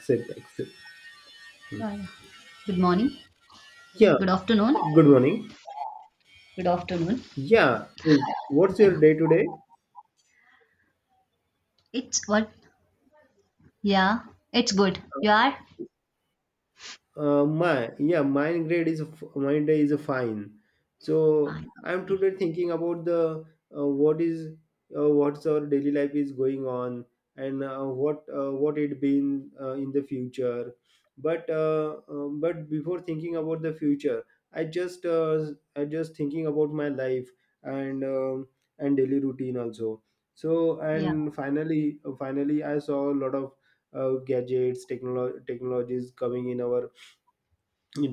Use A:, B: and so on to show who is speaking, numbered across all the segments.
A: Accept, accept.
B: Yeah, yeah. Good morning.
A: Yeah,
B: Good afternoon.
A: good morning.
B: Good afternoon.
A: Yeah, what's
B: Yeah.
A: your day today?
B: It's what? Yeah. It's good. You are?
A: My Yeah. Mine day is a fine. So
B: Fine.
A: I'm
B: Okay.
A: today thinking about the what is what's our daily life is going on and what it been in the future. But before thinking about the future, I just uh, I just thinking about my life and um and daily routine also. So
B: Yeah.
A: and finally I saw a lot of gadgets, technologies coming in our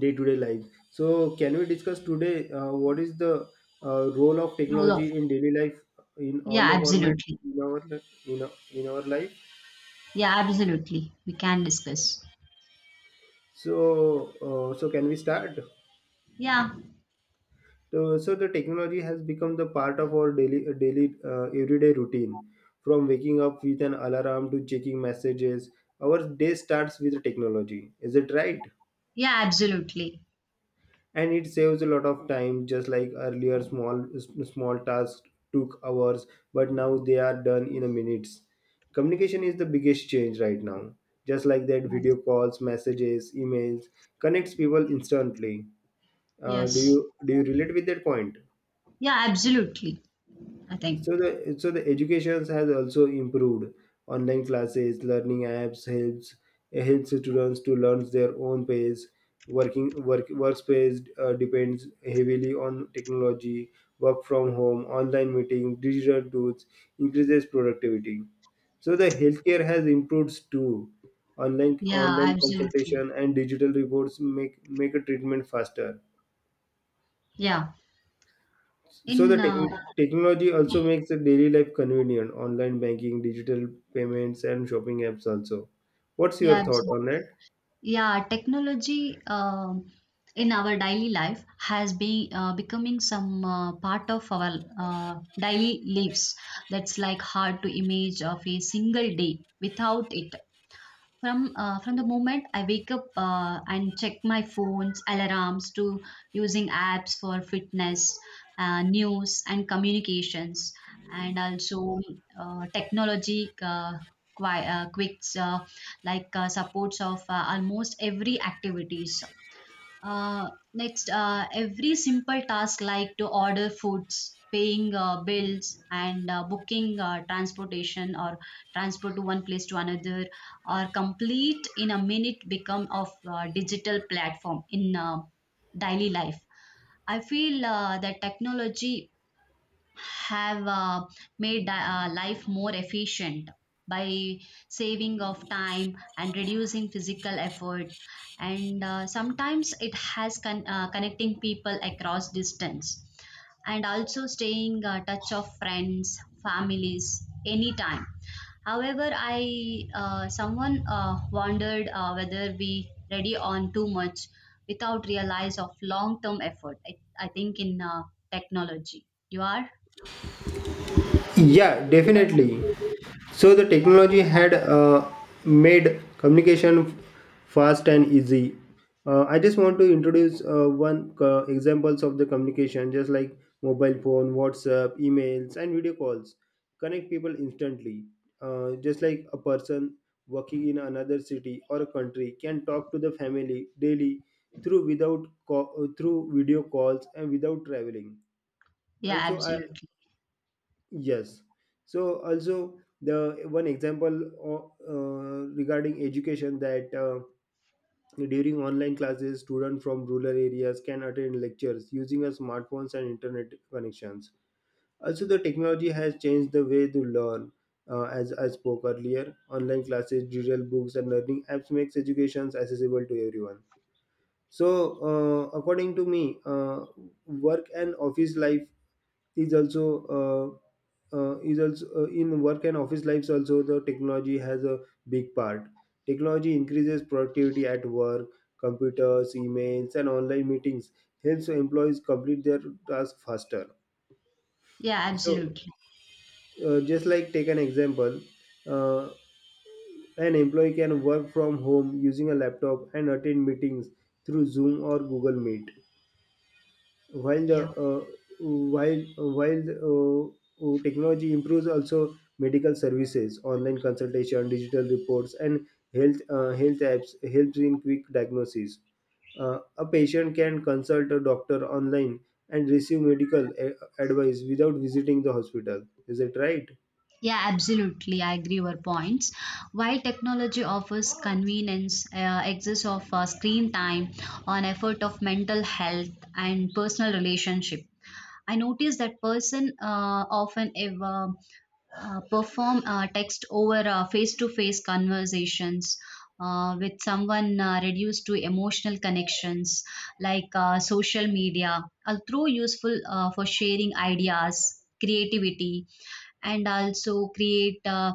A: day to day life. So, can we discuss today what is the role of
B: Rule of.
A: technology in daily life in
B: Yeah,
A: all the formats
B: absolutely.
A: in our life?
B: Yeah, absolutely. We can discuss.
A: So, can we start?
B: Yeah.
A: So, the technology has become the part of our daily daily everyday routine. From waking up with an alarm to checking messages, our day starts with the technology. Is it right?
B: Yeah, absolutely.
A: And it saves a lot of time. Just like earlier, small tasks took hours, but now they are done in a minutes. Communication is the biggest change right now, just like that video calls, messages, emails connects people instantly. uh, do you
B: Yes.
A: do you relate with that point?
B: Yeah, absolutely. I think.
A: So the education has also improved. Online classes, learning apps helps students to learn their own pace. Working work Workspace depends heavily on technology. Work from home, online meeting, digital tools increases productivity. So the healthcare has improved too. Online
B: Yeah,
A: online
B: absolutely.
A: consultation and digital reports make a treatment faster.
B: Yeah.
A: So the
B: In, uh,
A: techn technology also makes the daily life convenient, online banking, digital payments, and shopping apps also. What's
B: yeah,
A: your thought
B: absolutely.
A: on that?
B: Yeah, technology in our daily life has been becoming some part of our daily lives. That's like hard to image of a single day without it from the moment I wake up and check my phone's alarms to using apps for fitness, news, and communications, and also technology quicks like supports of almost every activities uh, next, every simple task like to order foods, paying bills, and booking transportation or transport to one place to another are complete in a minute become of digital platform in daily life. I feel that technology have made life more efficient by saving of time and reducing physical effort and sometimes it has connecting people across distance and also staying touch of friends families anytime. However, I someone wondered whether we ready on too much without realize of long term effort. I think in technology, you are.
A: Yeah, definitely. So the technology had made communication fast and easy. I just want to introduce one examples of the communication, just like mobile phone, WhatsApp, emails, and video calls. Connect people instantly. Just like a person working in another city or a country can talk to the family daily through video calls and without traveling.
B: Yeah,
A: Also, I
B: absolutely.
A: Yes. So also the one example regarding education that during online classes, students from rural areas can attend lectures using a smartphones and internet connections. Also, the technology has changed the way to learn. As I spoke earlier, online classes, digital books, and learning apps makes education accessible to everyone. So, according to me, work and office life is also in work and office lives also the technology has a big part. Technology increases productivity at work. Computers, emails, and online meetings helps employees complete their task faster.
B: Yeah,
A: So,
B: absolutely.
A: just like, take an example. uh, an employee can work from home using a laptop and attend meetings through Zoom or Google Meet. While the
B: Yeah.
A: while uh, Technology improves also medical services. Online consultation, digital reports, and health apps helps in quick diagnosis. A patient can consult a doctor online and receive advice without visiting the hospital. Is it right?
B: Yeah, absolutely. I agree your points. While technology offers convenience, excess of screen time on effort of mental health and personal relationship, I noticed that person often ever perform text over face-to-face conversations with someone reduced to emotional connections like social media, although useful for sharing ideas, creativity, and also create uh,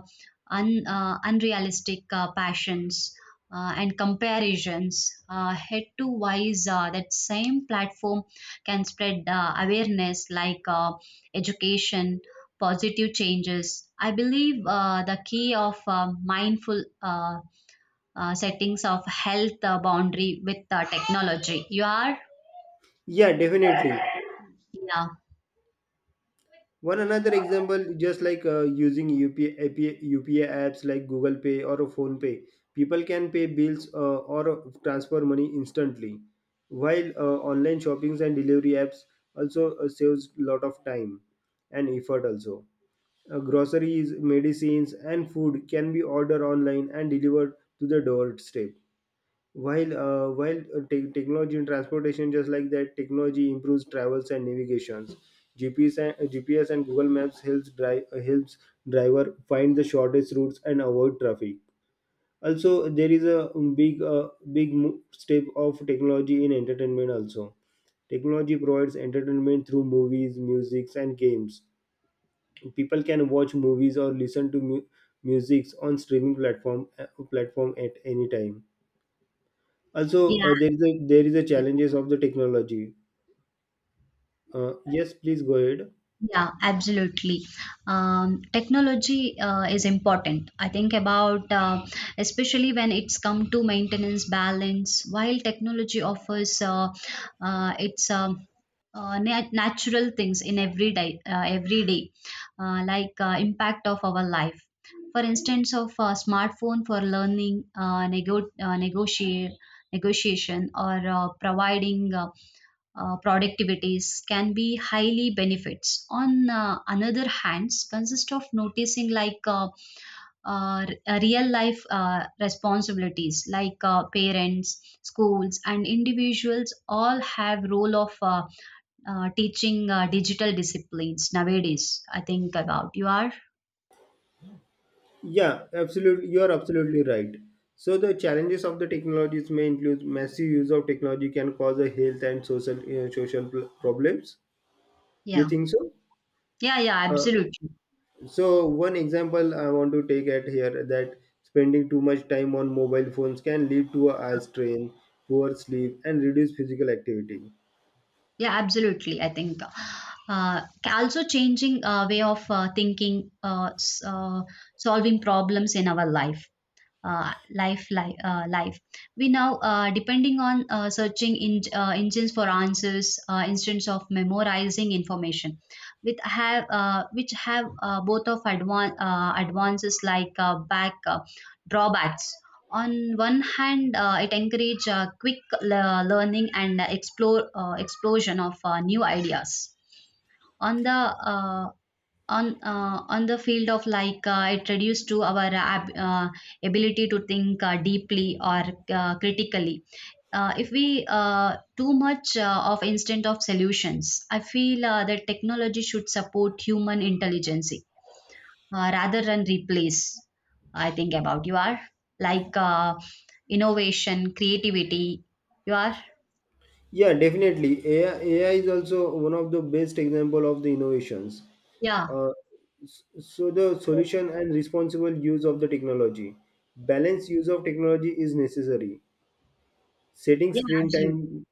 B: un, uh, unrealistic passions and comparisons head to wise that same platform can spread awareness like education positive changes. I believe the key of mindful settings of health boundary with technology, you are.
A: Yeah, definitely.
B: Yeah,
A: One another example, just like using UPI apps like Google Pay or Phone Pay, people can pay bills or transfer money instantly. While online shoppings and delivery apps also saves a lot of time and effort also. Groceries, medicines, and food can be ordered online and delivered to the doorstep. Technology and transportation, just like that, technology improves travels and navigations. GPS and Google Maps helps drive helps driver find the shortest routes and avoid traffic. Also, there is a big, step of technology in entertainment. Also, technology provides entertainment through movies, musics, and games. People can watch movies or listen to music on streaming platform platform at any time. Also,
B: yeah.
A: there is a challenges of the technology. Yes, please go ahead.
B: Yeah, absolutely. Technology is important. I think about especially when it's come to maintenance balance. While technology offers its natural things in every day, like impact of our life. For instance, of smartphone for learning, negotiate, negotiation, or providing productivities can be highly benefits on another hands consist of noticing like real life responsibilities like parents schools and individuals all have role of teaching digital disciplines nowadays. I think about you are.
A: Yeah, absolutely. You are absolutely right. So the challenges of the technologies may include massive use of technology can cause a health and problems. You
B: Yeah,
A: think so?
B: yeah, yeah,
A: Uh,
B: absolutely.
A: so one example I want to take at here that spending too much time on mobile phones can lead to a eye strain, poor sleep, and reduced physical activity.
B: Yeah, absolutely. I think also changing way of thinking, solving problems in our life life. We now depending on searching in, engines for answers instead of memorizing information with have which have both of advances like back drawbacks. On one hand, it encourage quick learning and explore explosion of new ideas. On the uh, on the field of like it reduced to our ability to think deeply or critically if we too much of instant of solutions. I feel that technology should support human intelligence rather than replace. I think about you are, like innovation creativity, you are.
A: Yeah, definitely. AI is also one of the best example of the innovations.
B: Yeah,
A: Uh, so the solution and responsible use of the technology. Balanced use of technology is necessary. Setting
B: yeah,
A: screen
B: absolutely.
A: time,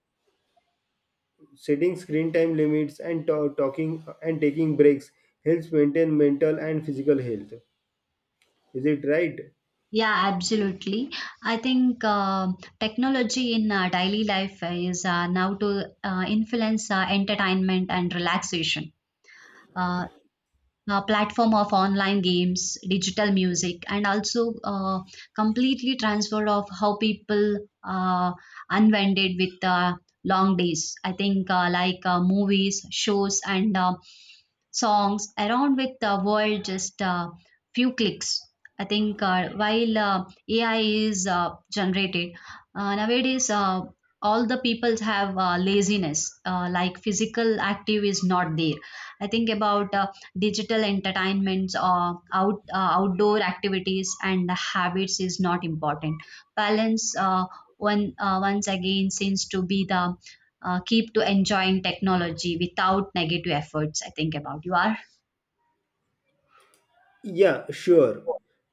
A: Setting screen time limits, and talking and taking breaks helps maintain mental and physical health. Is it right?
B: Yeah, absolutely. I think technology in daily life is now to influence entertainment and relaxation. Uh, Platform of online games, digital music, and also completely transfer of how people unwinded with long days. I think like movies, shows, and songs around with the world just few clicks. I think while AI is generated nowadays. All the people have laziness like physical active is not there. I think about digital entertainments or outdoor activities and habits is not important. Balance, one once again seems to be the keep to enjoying technology without negative efforts. I think about you are.
A: Yeah, sure.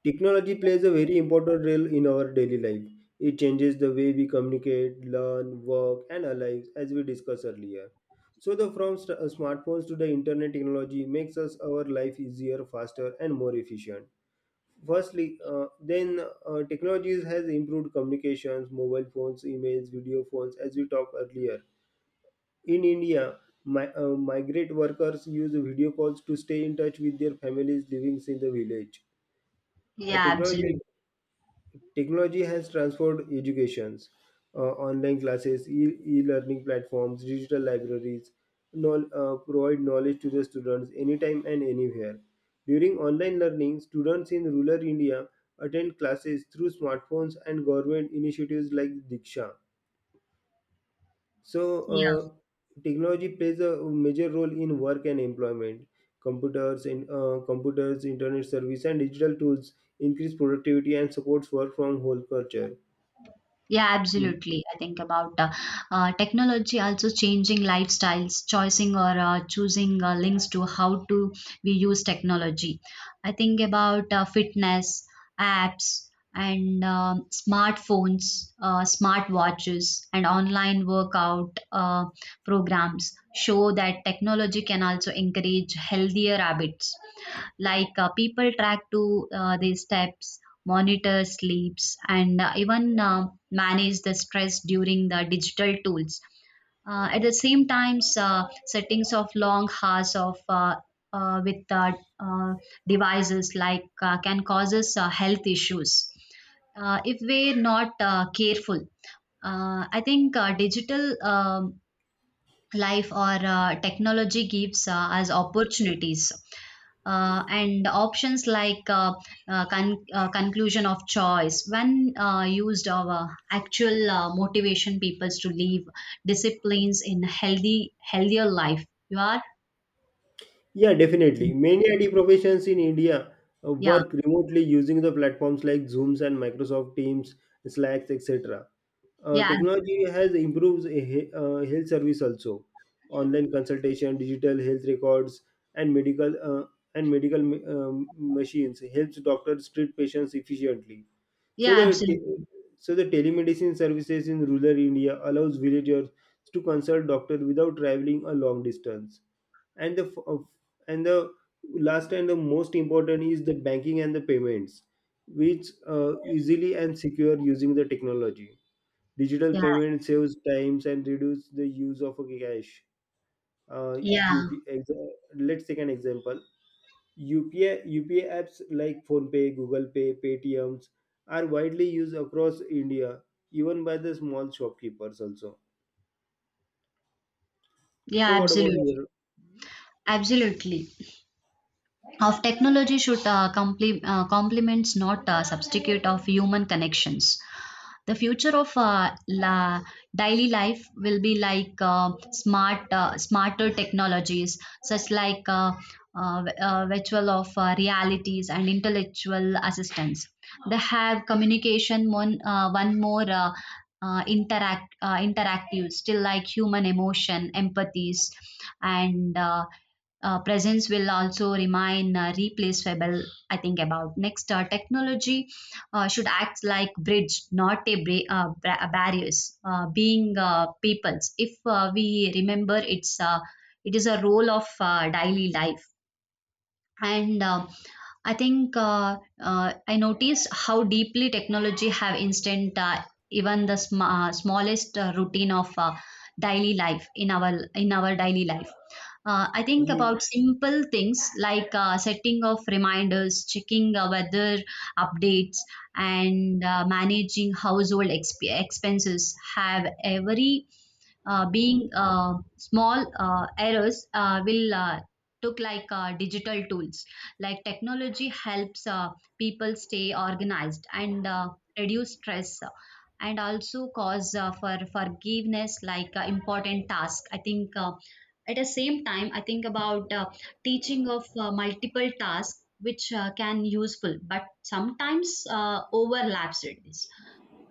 A: Technology plays a very important role in our daily life. It changes the way we communicate, learn, work, and our lives, as we discussed earlier. So, the from smartphones to the internet technology makes us our life easier, faster, and more efficient. Firstly, then technologies has improved communications, mobile phones, emails, video phones, as we talked earlier. In India, migrant workers use video calls to stay in touch with their families living in the village. uh,
B: Yeah,
A: technology
B: absolutely.
A: technology has transformed educations. Online classes, e-learning platforms, digital libraries provide knowledge to the students anytime and anywhere. During online learning, students in rural India attend classes through smartphones and government initiatives like Diksha. So, technology plays a major role in work and employment. Computers, internet service, and digital tools increase productivity and supports work from whole culture.
B: Yeah,
A: Mm.
B: absolutely. I think about technology also changing lifestyles, choosing or choosing links to how to we use technology. I think about fitness apps and smartphones, smart watches, and online workout programs show that technology can also encourage healthier habits like people track to their steps, monitor sleeps and even manage the stress during the digital tools at the same times. Settings of long hours of with uh, devices like can causes health issues if we're not careful. I think digital life or technology gives us opportunities and options like conclusion of choice when used of actual motivation peoples to leave disciplines in healthy healthier life, you are.
A: Yeah, definitely. Many IT professions in India
B: Yeah,
A: work remotely using the platforms like Zooms and Microsoft Teams, Slacks, etc.
B: yeah,
A: Technology has improved a health service also. Online consultation, digital health records, and medical uh, and medical ma- machines helps doctors treat patients efficiently. So
B: yeah,
A: the te-
B: absolutely.
A: so the telemedicine services in rural India allows villagers to consult doctor without traveling a long distance. And the f- uh, and the last and the most important is the banking and the payments, which easily and secure using the technology. Digital
B: Yeah,
A: payment saves times and reduce the use of a cash. Uh,
B: yeah,
A: UP, ex- let's take an example. UPI apps like PhonePe, Google Pay, Paytms are widely used across India, even by the small shopkeepers also.
B: yeah,
A: So what about
B: absolutely.
A: your?
B: Absolutely. Of technology should complete complements not substitute of human connections. The future of daily life will be like smarter technologies, such like uh, virtual of realities and intellectual assistance. They have communication one more interactive still like human emotion empathies and presence will also remain replaceable. I think about next technology should act like bridge, not a barriers. Being peoples, if we remember, it is a role of daily life. And I think I noticed how deeply technology have instant even the smallest routine of daily life in our daily life. I think
A: Ye-
B: about simple things like setting of reminders, checking weather updates, and managing household expenses have every being small errors will took like digital tools, like technology helps people stay organized and reduce stress and also cause for forgiveness like important task. I think at the same time. I think about teaching of multiple tasks which can useful but sometimes overlaps it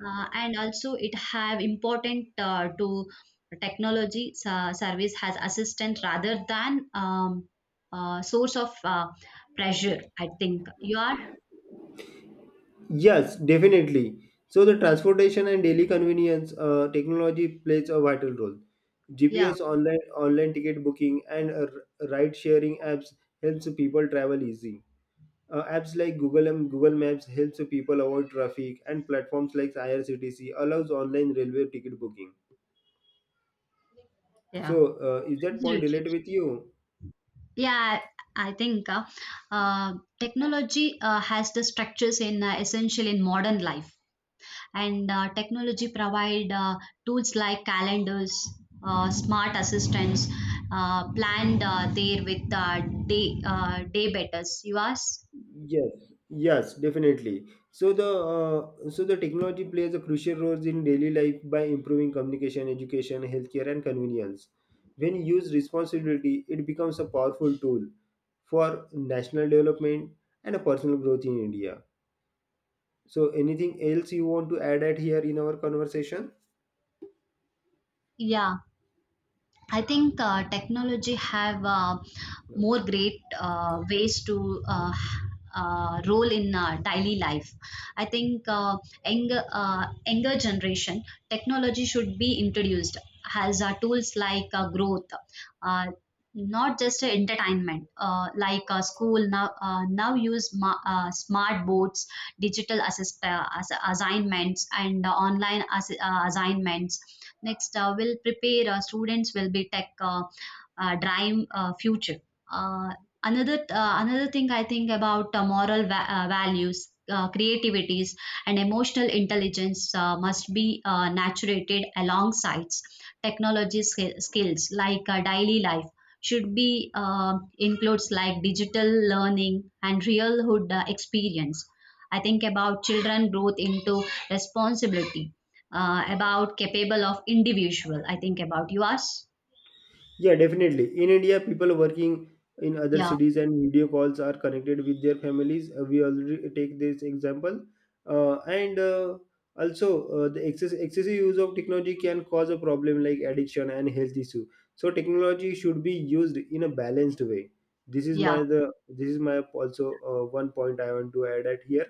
B: and also it have important to technology service has assistant rather than source of pressure. I think you are.
A: Yes, definitely. So the transportation and daily convenience, technology plays a vital role.
B: Yeah.
A: GPS, online ticket booking, and ride sharing apps helps people travel easy. Apps like Google and Google Maps helps people avoid traffic, and platforms like IRCTC allows online railway ticket booking.
B: Yeah.
A: So, is that point
B: Absolutely.
A: related with you?
B: Yeah, I think uh, technology has the structures in essential in modern life and technology provide tools like calendars, smart assistants, planned there with day betters, you ask.
A: Yes, yes, definitely. So the technology plays a crucial role in daily life by improving communication, education, healthcare, and convenience. When used responsibility, it becomes a powerful tool for national development and a personal growth in India. So, anything else you want to add at here in our conversation?
B: Yeah. I think technology have
A: No.
B: more great ways to role in daily life. I think younger generation technology should be introduced as tools like growth. Uh, Not just entertainment like school now now use smart boards, digital assignments and online assignments. Next, will prepare students will be tech drive future. Uh, Another thing I think about moral values. Creativities and emotional intelligence must be naturated alongside technology skills like daily life should be includes like digital learning and realhood experience. I think about children growth into responsibility about capable of individual. I think about you asked.
A: Yeah, definitely. In India, people working in other
B: Yeah,
A: cities and video calls are connected with their families. We already take this example, and also the excessive use of technology can cause a problem like addiction and health issue. So technology should be used in a balanced way. This is my
B: yeah,
A: the this is my also one point I want to add at here.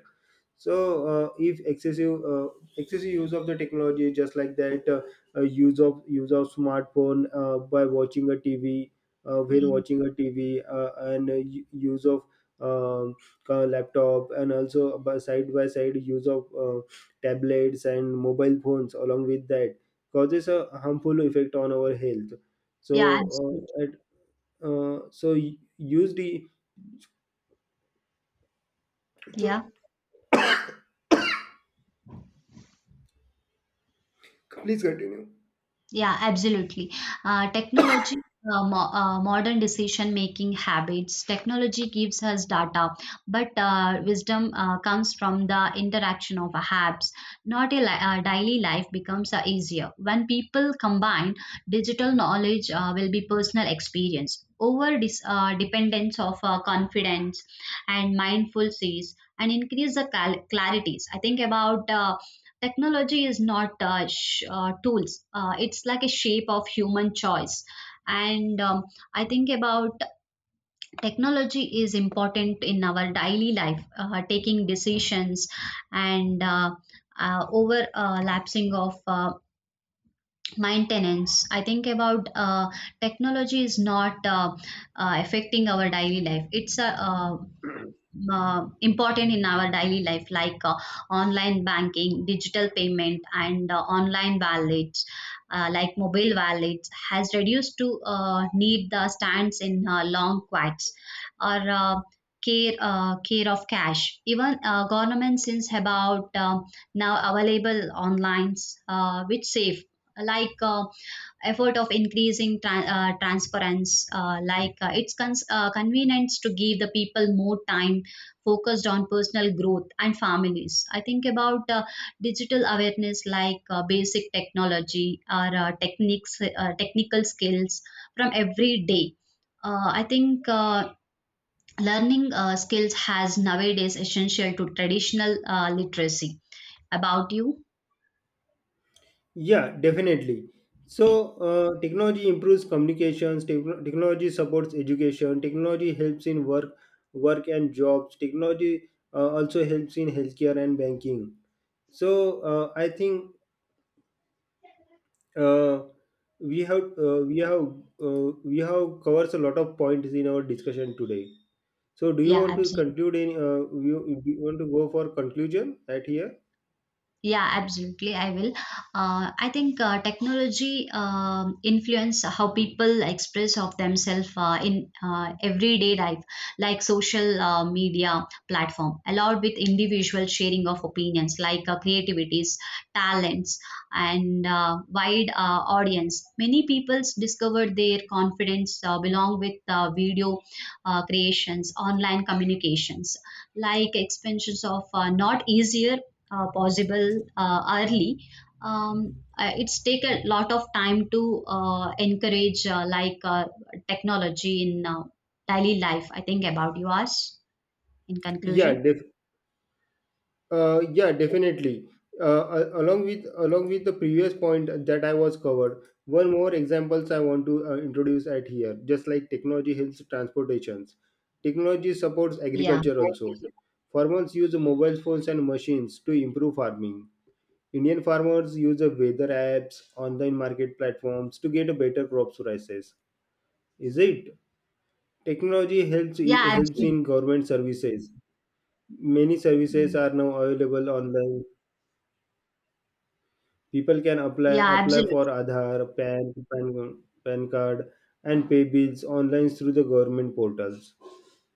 A: So, if excessive use of the technology, just like that, use of smartphone, by watching a TV, when
B: yeah,
A: watching a TV, use of um, laptop, and also by side use of tablets and mobile phones along with that causes a harmful effect on our health.
B: yeah,
A: So
B: absolutely.
A: at, so y- use the Sorry,
B: Yeah.
A: please continue.
B: Yeah, absolutely. Technology, modern decision making habits, technology gives us data, but wisdom comes from the interaction of apps. Not a li- Daily life becomes easier. When people combine, digital knowledge will be personal experience. Over dependence of confidence and mindful sees and increase the clarities. I think about technology is not tools. It's like a shape of human choice. And I think about technology is important in our daily life, taking decisions and over lapsing of maintenance. I think about technology is not affecting our daily life. It's a important in our daily life like online banking, digital payment, and online wallets like mobile wallets has reduced to need the stands in long queues or care of cash, even government since about now available online which save like effort of increasing transparency like convenience to give the people more time focused on personal growth and families. I think about digital awareness like basic technology or techniques, technical skills from every day. I think learning skills has nowadays essential to traditional literacy. About you?
A: Yeah, definitely. So, technology improves communications. Technology supports education. Technology helps in work and jobs. Technology also helps in healthcare and banking. So, I think, uh, we have uh, we have we have covers a lot of points in our discussion today. So, do you
B: Yeah,
A: want to
B: absolutely.
A: conclude? In you want to go for conclusion right here?
B: Yeah, absolutely. I will. I think technology influence how people express of themselves in everyday life, like social media platform, allowed with individual sharing of opinions, like creativities, talents, and wide audience. Many peoples discovered their confidence belong with video creations, online communications, like expansions of not easier possible early. It's take a lot of time to encourage like technology in daily life. I think about you ask in
A: Yeah,
B: conclusion.
A: definitely. Yeah, definitely. Along with the previous point that I was covered, one more examples I want to introduce at here. Just like technology helps transportations, technology supports
B: Yeah.
A: agriculture also. Farmers use mobile phones and machines to improve farming. Indian farmers use the weather apps, online market platforms to get a better crop prices. Is it? Technology helps
B: Yeah,
A: helps
B: absolutely.
A: in government services. Many
B: Yeah,
A: services are now available online. People can apply
B: yeah,
A: apply
B: absolutely.
A: for Aadhaar, PAN card, and pay bills online through the government portals.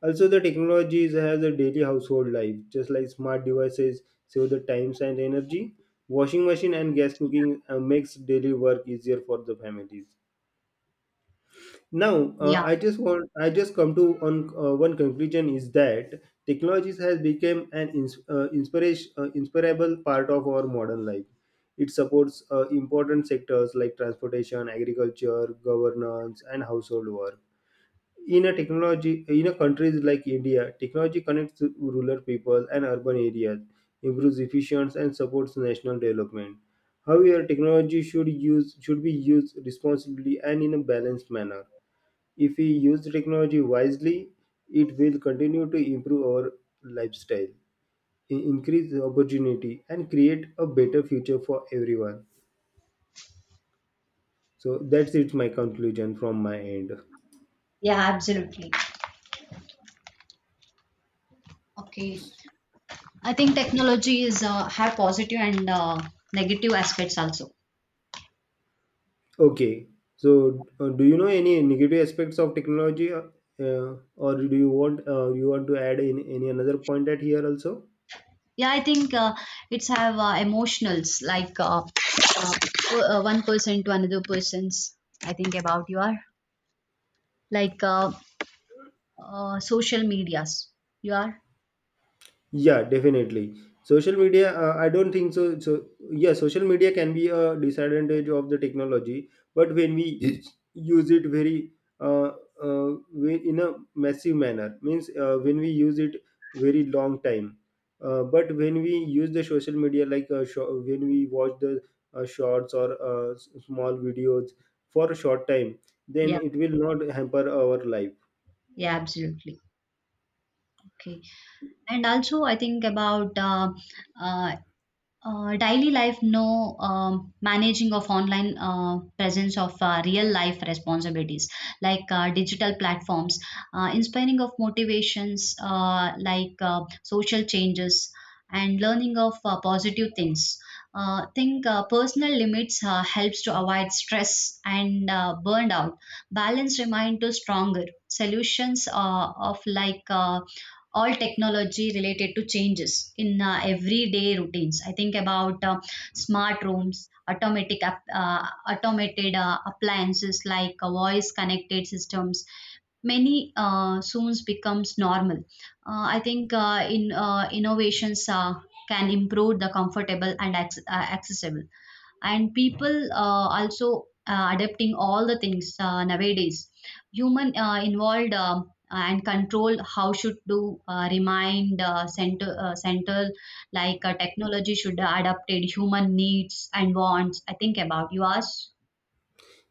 A: Also, the technology has a daily household life, just like smart devices save the times and energy. Washing machine and gas cooking makes daily work easier for the families. Now,
B: Yeah,
A: I just come to on one conclusion is that technologies has become an ins- inspiration inspirable part of our modern life. It supports important sectors like transportation, agriculture, governance, and household work. In a technology in a countries like India, technology connects rural people and urban areas, improves efficiency, and supports national development. However, technology should be used responsibly and in a balanced manner. If we use technology wisely, it will continue to improve our lifestyle, increase the opportunity, and create a better future for everyone. So that's it, my conclusion from my end.
B: yeah, absolutely. Okay. I think technology is have positive and negative aspects also.
A: Okay, so do you know any negative aspects of technology, or do you want to add in any another point at here also?
B: Yeah, I think it's have emotionals like one person to another person's. I think about you are like social medias. You are.
A: Yeah, definitely. Social media, I don't think so. So, yeah, social media can be a disadvantage of the technology, but use it very uh, in a massive manner, means when we use it very long time. But when we use the social media, like when we watch the shorts or small videos for a short time, then
B: Yeah,
A: it will not hamper our life.
B: yeah, absolutely. Okay. And also I think about uh, daily life no managing of online presence of real life responsibilities like digital platforms inspiring of motivations like social changes and learning of positive things think personal limits helps to avoid stress and burned out. Balance remind to stronger solutions of like all technology related to changes in everyday routines. I think about smart rooms, automatic automated appliances like voice connected systems. Many soon becomes normal. I think in innovations can improve the comfortable and accessible and people also adapting all the things nowadays human involved and control how should do remind center central like technology should adapted human needs and wants. I think about you ask.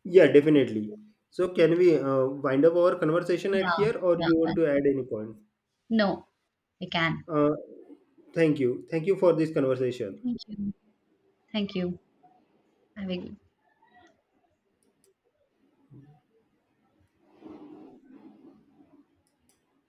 A: Yeah, definitely. So, can we wind up our conversation
B: Yeah,
A: at here, or
B: yeah.
A: you want to add any point?
B: No, we can.
A: Uh, Thank you. Thank you for this conversation.
B: Thank you. Thank you. Have a good